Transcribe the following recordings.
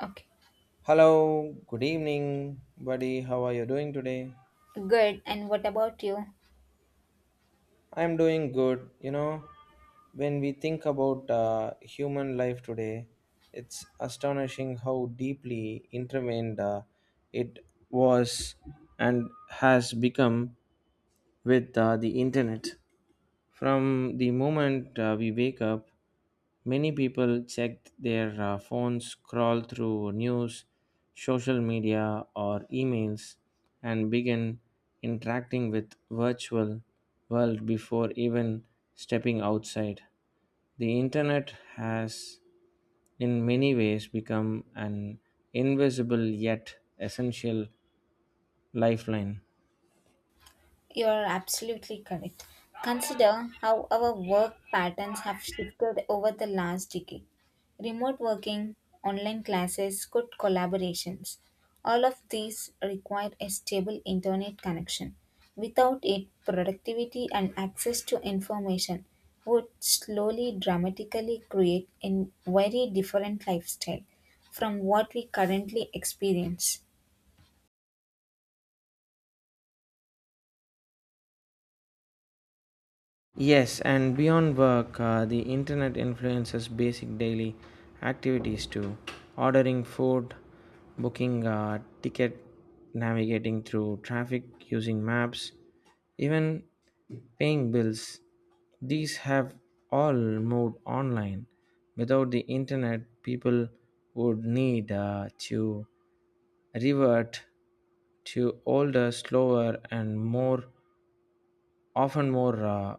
Okay, Hello, good evening, buddy. How are you doing today? good. And what about you? I'm doing good. You know, when we think about human life today, it's astonishing how deeply intertwined it was and has become with the internet. From the moment we wake up, many people check their phones, scroll through news, social media, or emails, and begin interacting with virtual world before even stepping outside. The internet has, in many ways, become an invisible yet essential lifeline. You're absolutely correct. Consider how our work patterns have shifted over the last decade. Remote working, online classes, good collaborations. All of these require a stable internet connection. Without it, productivity and access to information would slowly dramatically create a very different lifestyle from what we currently experience. Yes, and beyond work, the internet influences basic daily activities too. Ordering food, booking a ticket, navigating through traffic using maps, even paying bills. These have all moved online. Without the internet, people would need to revert to older, slower, and more often more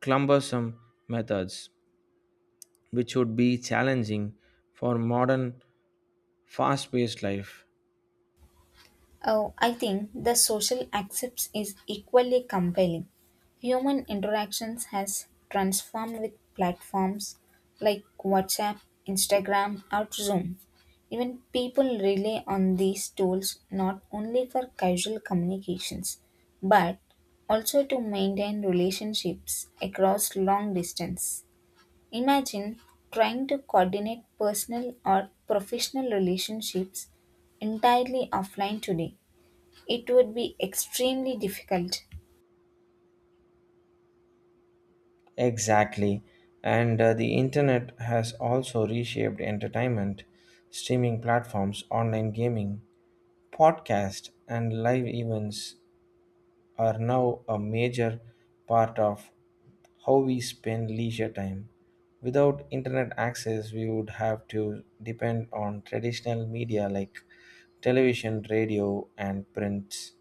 cumbersome methods, which would be challenging for modern fast paced life. Oh, I think the social accepts is equally compelling. Human interactions has transformed with platforms like WhatsApp, Instagram, or Zoom. Even people rely on these tools not only for casual communications, but also to maintain relationships across long distance. Imagine trying to coordinate personal or professional relationships entirely offline today, it would be extremely difficult. Exactly. And the internet has also reshaped entertainment, streaming platforms, online gaming, podcast, and live events are now a major part of how we spend leisure time. Without internet access, we would have to depend on traditional media like television, radio, and prints,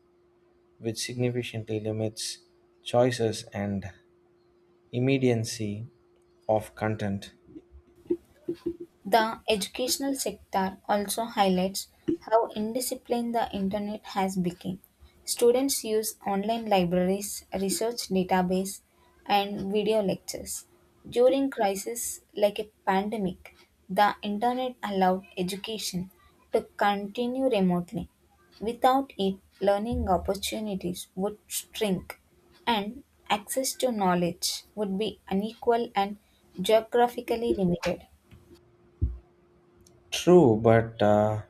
which significantly limits choices and immediacy of content. The educational sector also highlights how indisciplined the internet has become. Students use online libraries, research database, and video lectures. During crises like a pandemic, the internet allowed education to continue remotely. Without it, learning opportunities would shrink and access to knowledge would be unequal and geographically limited. True, but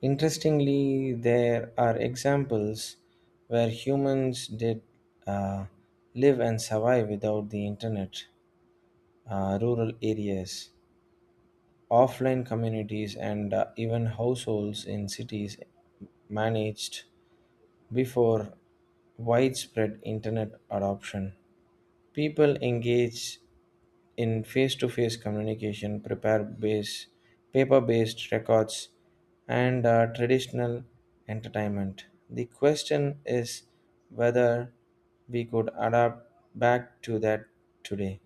interestingly, there are examples where humans did uh, live and survive without the internet, rural areas, offline communities, and even households in cities managed before widespread internet adoption. People engaged in face-to-face communication, prepare base, paper-based records, and traditional entertainment. The question is whether we could adapt back to that today.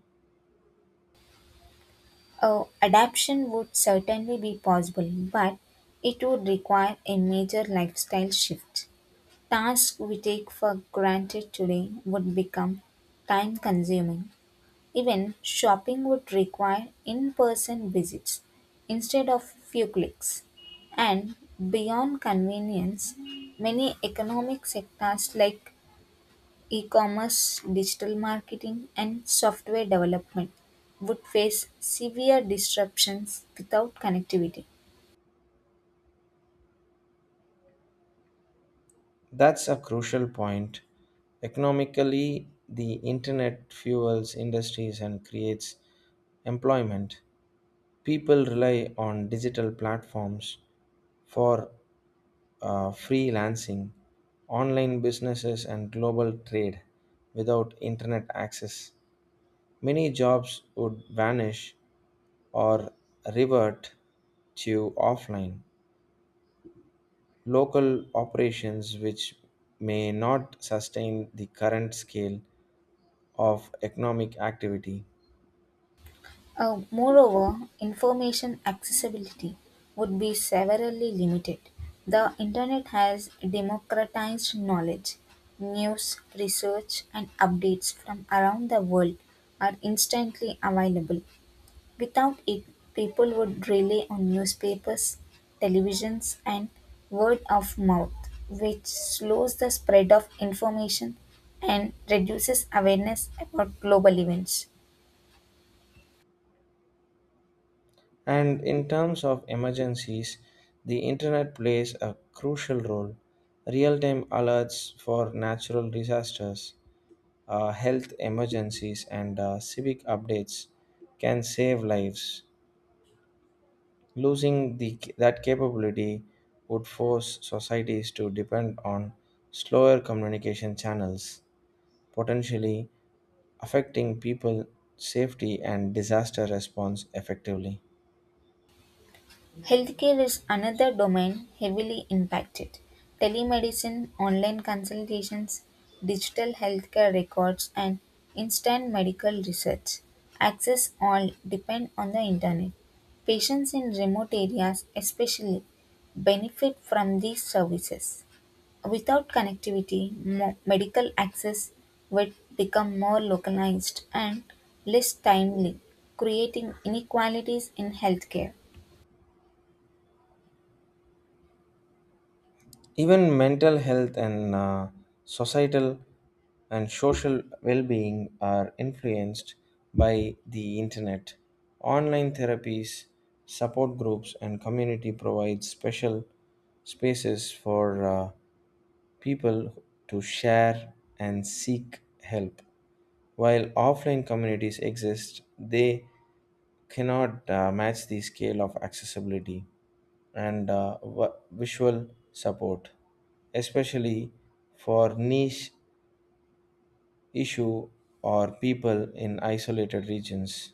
Oh, adaptation would certainly be possible, but it would require a major lifestyle shift. Tasks we take for granted today would become time consuming. Even shopping would require in person visits instead of few clicks. And beyond convenience, many economic sectors like e-commerce, digital marketing, and software development would face severe disruptions without connectivity. That's a crucial point. Economically, the internet fuels industries and creates employment. People rely on digital platforms for freelancing, online businesses, and global trade without internet access. Many jobs would vanish or revert to offline local operations, which may not sustain the current scale of economic activity. Moreover, information accessibility would be severely limited. The internet has democratized knowledge. News, research, and updates from around the world are instantly available. Without it, people would rely on newspapers, televisions, and word of mouth, which slows the spread of information and reduces awareness about global events. And in terms of emergencies, the internet plays a crucial role. Real time alerts for natural disasters, health emergencies, and civic updates can save lives. Losing that capability would force societies to depend on slower communication channels, potentially affecting people safety and disaster response effectively. Healthcare is another domain heavily impacted. Telemedicine, online consultations, digital healthcare records, and instant medical research access all depend on the internet. Patients in remote areas, especially, benefit from these services. Without connectivity, medical access would become more localized and less timely, creating inequalities in healthcare. Even mental health and societal and social well being are influenced by the internet. Online therapies, support groups, and community provide special spaces for people to share and seek help. While offline communities exist, they cannot match the scale of accessibility and visual support, especially for niche issue or people in isolated regions.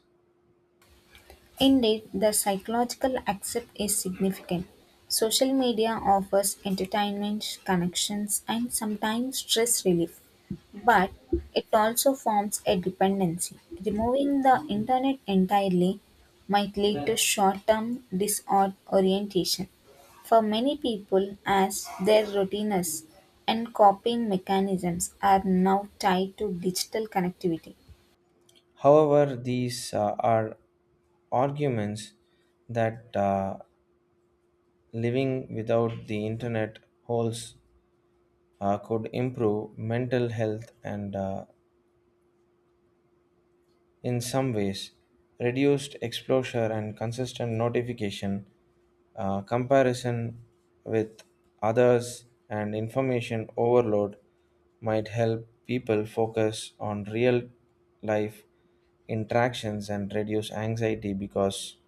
Indeed, the psychological aspect is significant. Social media offers entertainment, connections, and sometimes stress relief, but it also forms a dependency. Removing the internet entirely might lead to short term disorientation for many people as their routines and coping mechanisms are now tied to digital connectivity. However, these are arguments that living without the internet holds could improve mental health and in some ways, reduced exposure and consistent notification, comparison with others, and information overload might help people focus on real life interactions and reduce anxiety because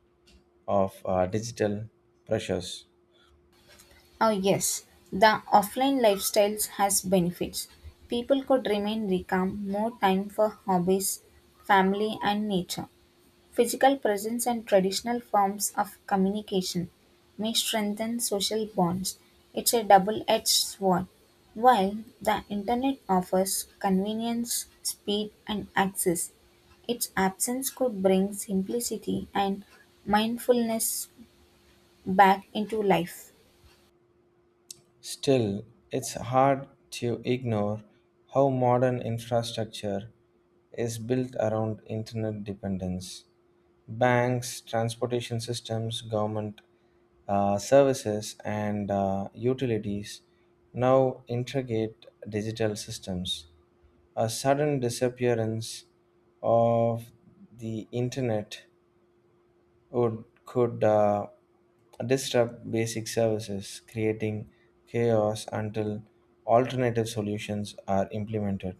of digital pressures. Oh, yes, the offline lifestyles has benefits. People could remain calm, more time for hobbies, family, and nature. Physical presence and traditional forms of communication may strengthen social bonds. It's a double edged sword. While the internet offers convenience, speed, and access, its absence could bring simplicity and mindfulness back into life. Still, it's hard to ignore how modern infrastructure is built around internet dependence. Banks, transportation systems, government services, and utilities now integrate digital systems. A sudden disappearance of the internet would could disrupt basic services, creating chaos until alternative solutions are implemented.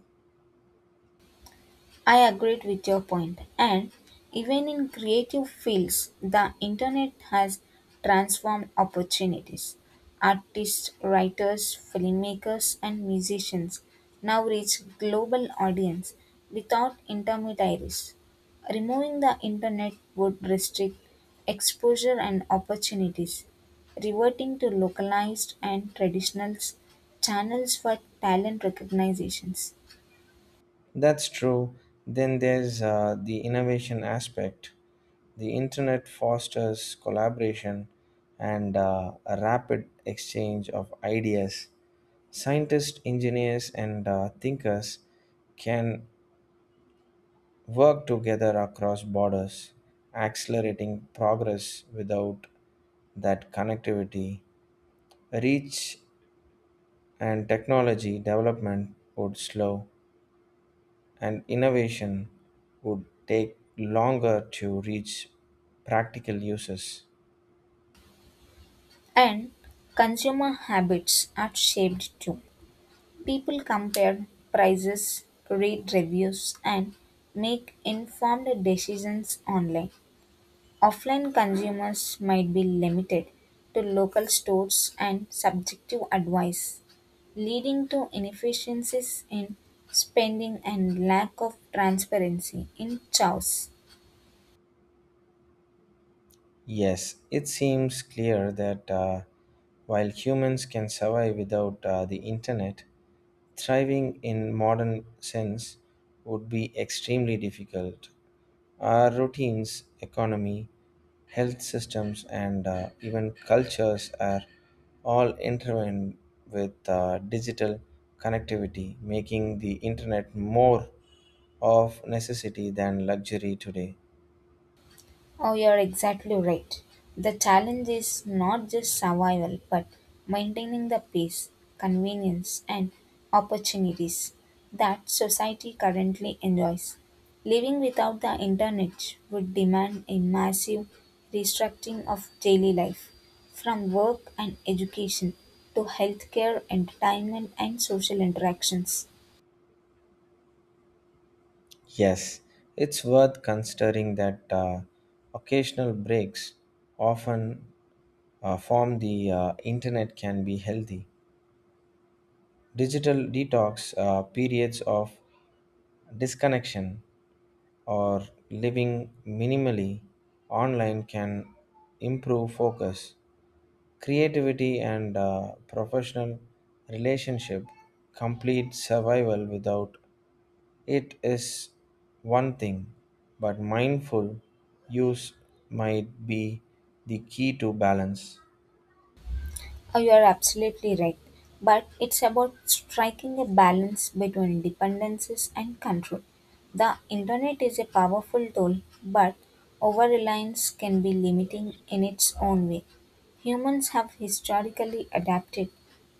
I agreed with your point, and even in creative fields, the internet has transformed opportunities. Artists, writers, filmmakers, and musicians now reach global audience without intermediaries. Removing the internet would restrict exposure and opportunities, reverting to localized and traditional channels for talent recognitions. That's true. Then there's the innovation aspect. The internet fosters collaboration and a rapid exchange of ideas. Scientists, engineers, and thinkers can work together across borders, accelerating progress without that connectivity. Reach and technology development would slow, and innovation would take longer to reach practical uses. And consumer habits are shaped too. People compare prices, read reviews, and make informed decisions online. Offline consumers might be limited to local stores and subjective advice, leading to inefficiencies in spending and lack of transparency in choice. Yes, it seems clear that. While humans can survive without the internet, thriving in modern sense would be extremely difficult. Our routines, economy, health systems, and even cultures are all intertwined with digital connectivity, making the internet more of necessity than luxury today. Oh, you're exactly right. The challenge is not just survival, but maintaining the pace, convenience, and opportunities that society currently enjoys. Living without the internet would demand a massive restructuring of daily life, from work and education to healthcare, entertainment, and social interactions. Yes, it's worth considering that occasional breaks often from the internet can be healthy digital detox, periods of disconnection, or living minimally online can improve focus, creativity, and professional relationship. Complete survival without it is one thing, but mindful use might be the key to balance. Oh, you are absolutely right. But it's about striking a balance between dependencies and control. The internet is a powerful tool, but over reliance can be limiting in its own way. Humans have historically adapted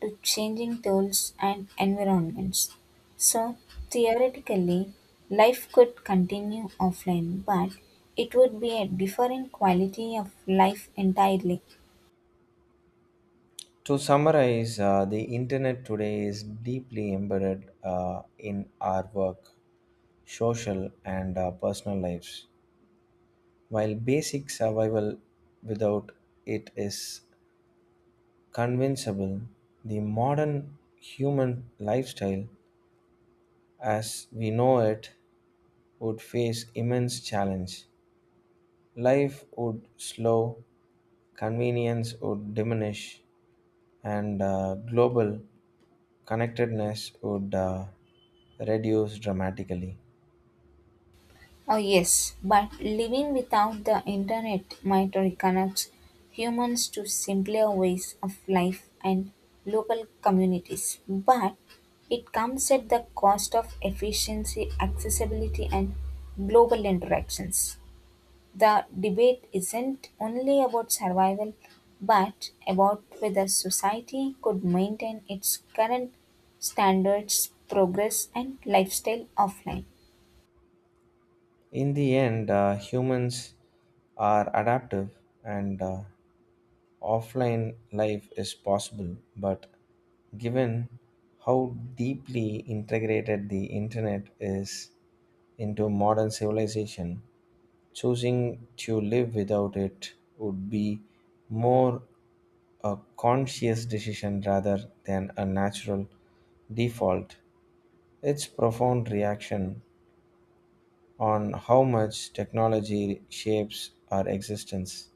to changing tools and environments. So, theoretically, life could continue offline, but it would be a different quality of life entirely. To summarize, the internet today is deeply embedded in our work, social, and personal lives. While basic survival without it is convincible, the modern human lifestyle as we know it would face immense challenge. Life would slow, convenience would diminish, and global connectedness would reduce dramatically. Oh, yes, but living without the internet might reconnect humans to simpler ways of life and local communities. But it comes at the cost of efficiency, accessibility, and global interactions. The debate isn't only about survival, but about whether society could maintain its current standards, progress, and lifestyle offline. In the end, humans are adaptive and offline life is possible, but given how deeply integrated the internet is into modern civilization, choosing to live without it would be more a conscious decision rather than a natural default. Its profound reaction on how much technology shapes our existence.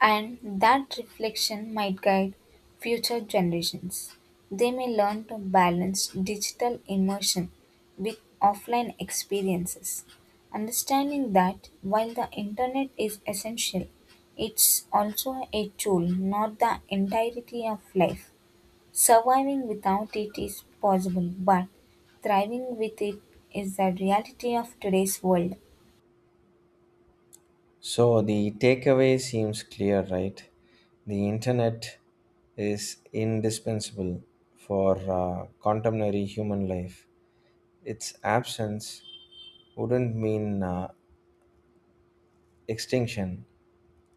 And that reflection might guide future generations. They may learn to balance digital immersion with offline experiences, understanding that while the internet is essential, it's also a tool, not the entirety of life. Surviving without it is possible, but thriving with it is the reality of today's world. So the takeaway seems clear, right? The internet is indispensable for contemporary human life. Its absence wouldn't mean extinction,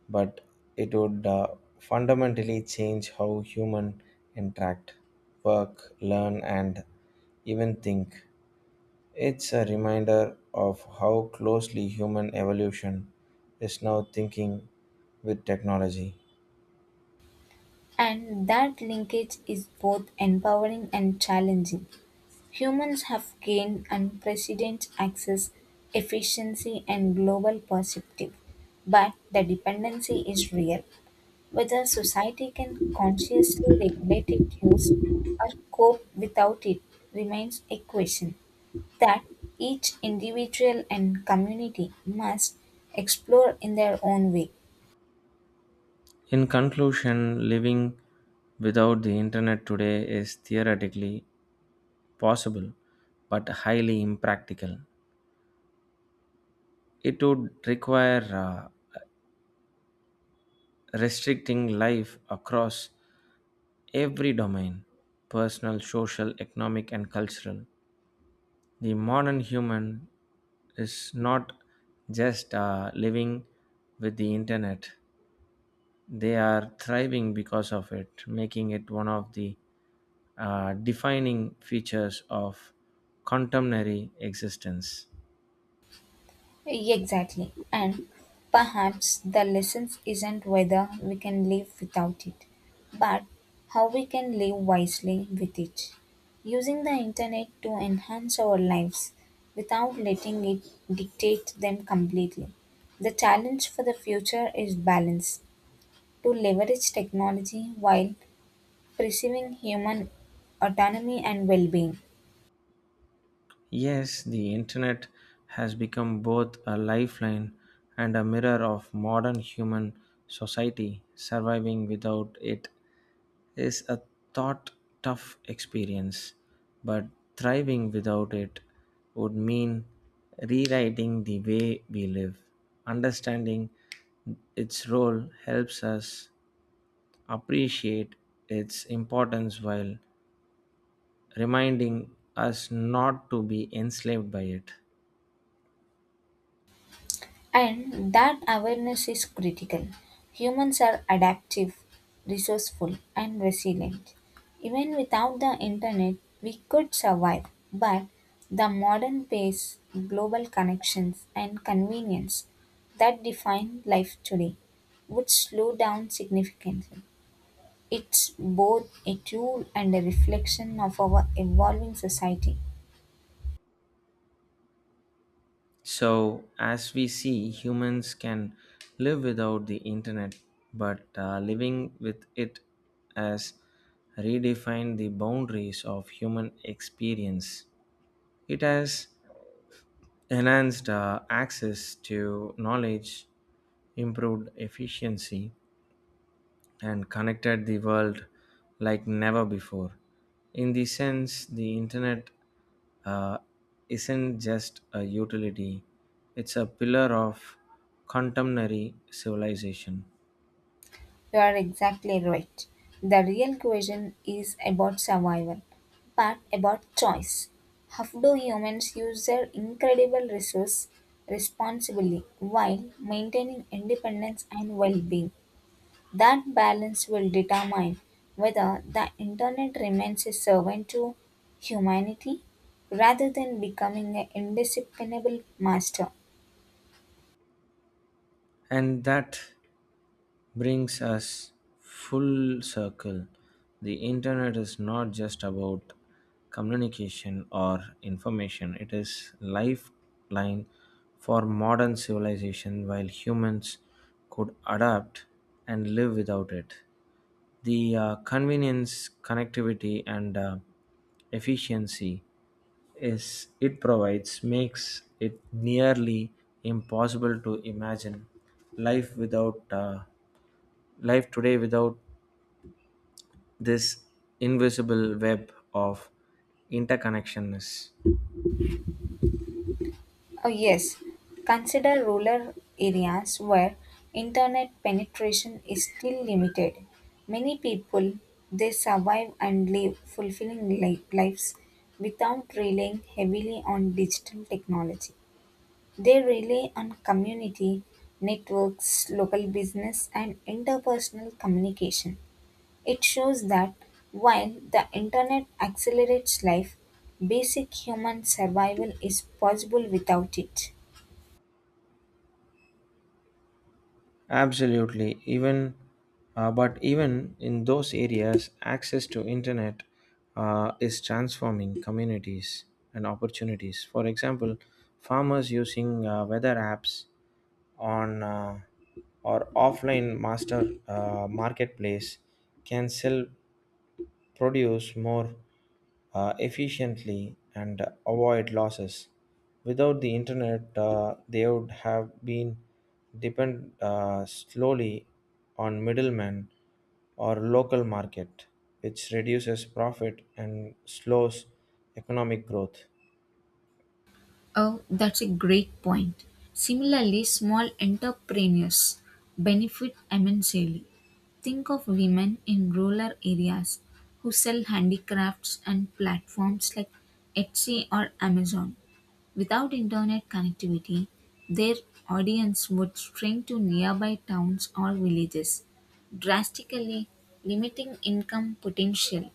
but it would fundamentally change how human interact, work, learn, and even think. It's a reminder of how closely human evolution is now thinking with technology. And that linkage is both empowering and challenging. Humans have gained unprecedented access, efficiency, and global perspective, but the dependency is real. Whether society can consciously regulate its use or cope without it remains a question that each individual and community must explore in their own way. In conclusion, living without the internet today is theoretically possible but highly impractical. It would require restricting life across every domain personal, social, economic, and cultural. The modern human is not just living with the internet, they are thriving because of it, making it one of the defining features of contemporary existence. Exactly. And perhaps the lesson isn't whether we can live without it, but how we can live wisely with it. Using the internet to enhance our lives without letting it dictate them completely. The challenge for the future is balance to leverage technology while preserving human autonomy and well being. Yes, the internet has become both a lifeline and a mirror of modern human society. Surviving without it is a thought tough experience, but thriving without it would mean rewriting the way we live. Understanding its role helps us appreciate its importance while reminding us not to be enslaved by it. And that awareness is critical. Humans are adaptive, resourceful, and resilient. Even without the internet, we could survive, but the modern pace, global connections, and convenience that define life today would slow down significantly. It's both a tool and a reflection of our evolving society. So, as we see, humans can live without the internet, but living with it has redefined the boundaries of human experience. It has enhanced access to knowledge, improved efficiency, and connected the world like never before. In the sense, the internet uh, isn't just a utility, it's a pillar of contemporary civilization. You are exactly right. The real question is about survival, but about choice. How do humans use their incredible resource responsibly while maintaining independence and well being? That balance will determine whether the internet remains a servant to humanity rather than becoming an indisciplinable master. And that brings us full circle. The internet is not just about communication or information, it is lifeline for modern civilization while humans could adapt and live without it. The convenience, connectivity, and efficiency is it provides makes it nearly impossible to imagine life without uh, life today without this invisible web of interconnectionness. Oh, yes, consider rural areas where internet penetration is still limited. Many people they survive and live fulfilling lives without relying heavily on digital technology. They rely on community networks, local business, and interpersonal communication. It shows that while the internet accelerates life, basic human survival is possible without it. Absolutely. Even but even in those areas, access to internet is transforming communities and opportunities. For example, farmers using weather apps on or offline master marketplace can sell produce more efficiently and avoid losses. Without the internet, they would have been depend slowly on middlemen or local market, which reduces profit and slows economic growth. Oh, that's a great point. Similarly, small entrepreneurs benefit immensely. Think of women in rural areas who sell handicrafts and platforms like Etsy or Amazon. Without internet connectivity, their audience would shrink to nearby towns or villages, drastically limiting income potential.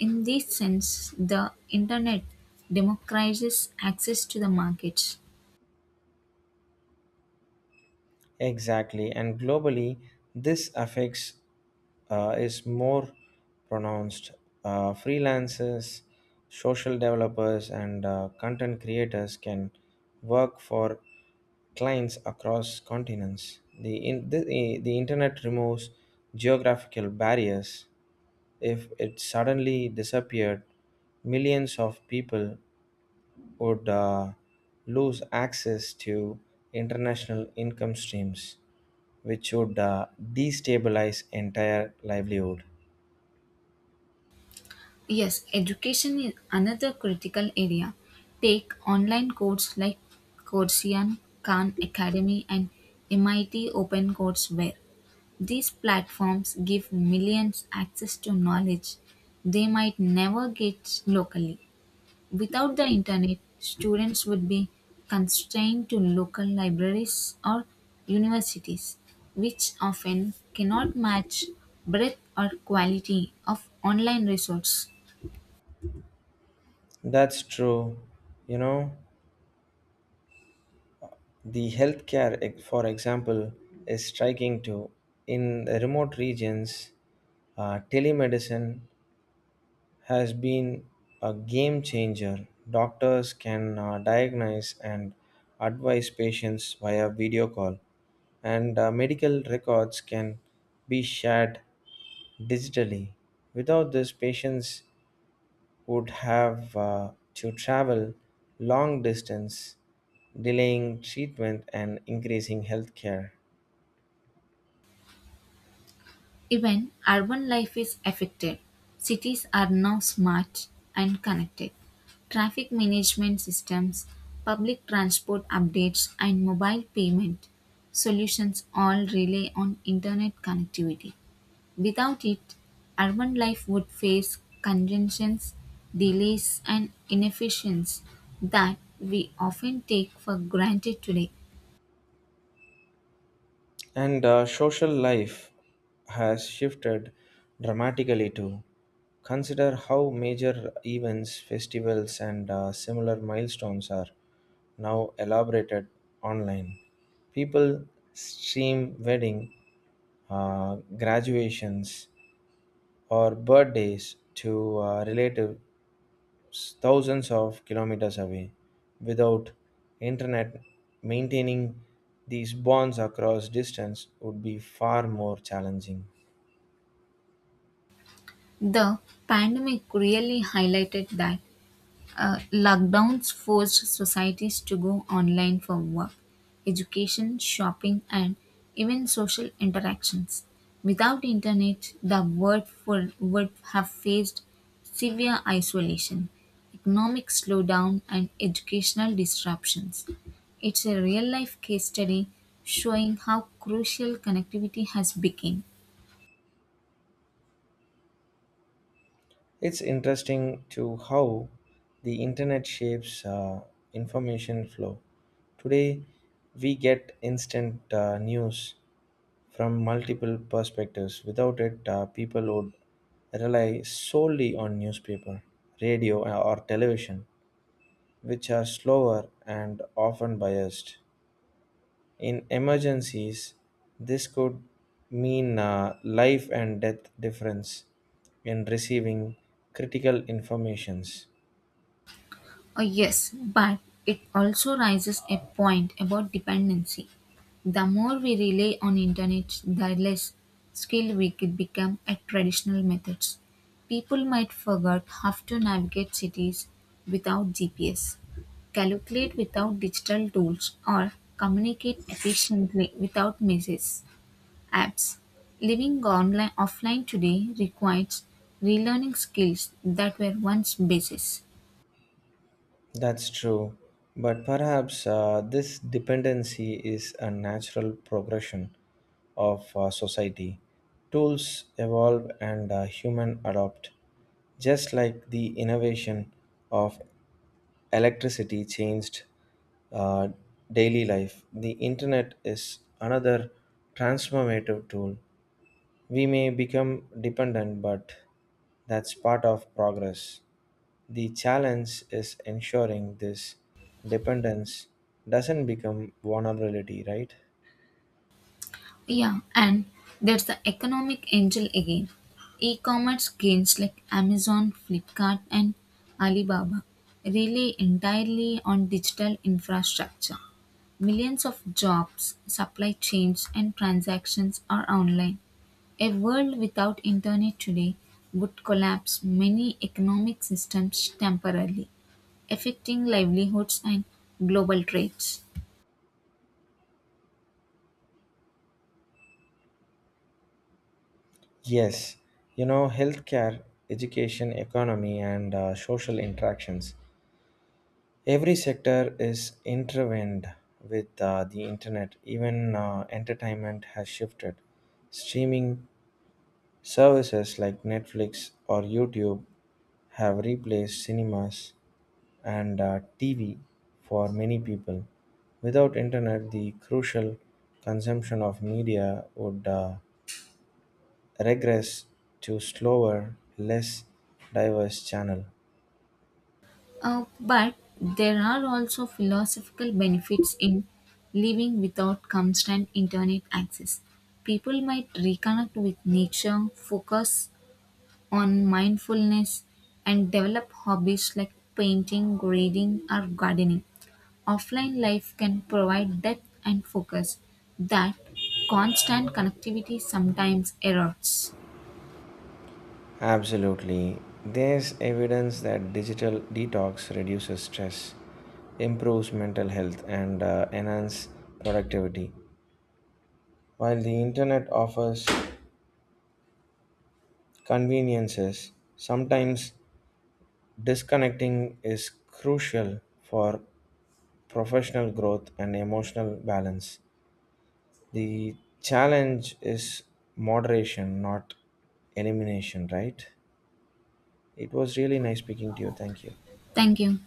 In this sense, the internet democratizes access to the markets. Exactly, and globally, this affects is more pronounced. Freelancers, social developers, and content creators can work for clients across continents. The internet removes geographical barriers. If it suddenly disappeared, millions of people would lose access to international income streams, which would destabilize entire livelihood. Yes, education is another critical area. Take online courses like Coursera, Khan Academy, and MIT Open Courseware. These platforms give millions access to knowledge they might never get locally. Without the internet, students would be constrained to local libraries or universities, which often cannot match breadth or quality of online resource. That's true. You know, the healthcare, for example, is striking too. In the remote regions, telemedicine has been a game changer. Doctors can diagnose and advise patients via video call, and medical records can be shared digitally. Without this, patients would have to travel long distance, delaying treatment and increasing healthcare. Even urban life is affected. Cities are now smart and connected. Traffic management systems, public transport updates, and mobile payment solutions all rely on internet connectivity. Without it, urban life would face congestions, delays, and inefficiencies that we often take for granted today. And social life has shifted dramatically too. Consider how major events, festivals, and similar milestones are now elaborated online. People stream wedding, graduations, or birthdays to relative thousands of kilometers away. Without internet, maintaining these bonds across distance would be far more challenging. The pandemic really highlighted that. Lockdowns forced societies to go online for work, education, shopping, and even social interactions. Without internet, the world would have faced severe isolation, economic slowdown, and educational disruptions. It's a real life case study showing how crucial connectivity has become. It's interesting to how the internet shapes information flow. Today, we get instant news from multiple perspectives. Without it, people would rely solely on newspaper, radio, or television, which are slower and often biased. In emergencies, this could mean a life and death difference in receiving critical informations. Yes, but it also raises a point about dependency. The more we rely on internet, the less skilled we could become at traditional methods. People might forget how to navigate cities without GPS, calculate without digital tools, or communicate efficiently without messages, apps. Living online offline today requires relearning skills that were once basic. That's true, but perhaps this dependency is a natural progression of society. Tools evolve and human adopt, just like the innovation of electricity changed uh, daily life. The internet is another transformative tool. We may become dependent, but that's part of progress. The challenge is ensuring this dependence doesn't become vulnerability, right? Yeah, and there's the economic angel again. E-commerce gains like Amazon, Flipkart, and Alibaba rely entirely on digital infrastructure. Millions of jobs, supply chains, and transactions are online. A world without internet today would collapse many economic systems temporarily, affecting livelihoods and global trades. Yes, you know, healthcare, education, economy, and social interactions. Every sector is intertwined with the internet. Even entertainment has shifted. Streaming services like Netflix or YouTube have replaced cinemas and TV for many people. Without internet, the crucial consumption of media would regress to slower, less diverse channel. But there are also philosophical benefits in living without constant internet access. People might reconnect with nature, focus on mindfulness, and develop hobbies like painting, reading, or gardening. Offline life can provide depth and focus that constant connectivity sometimes erodes. Absolutely. There's evidence that digital detox reduces stress, improves mental health, and enhances productivity. While the internet offers conveniences. Sometimes disconnecting is crucial for professional growth and emotional balance. The challenge is moderation, not elimination, right? It was really nice speaking to you. Thank you. Thank you.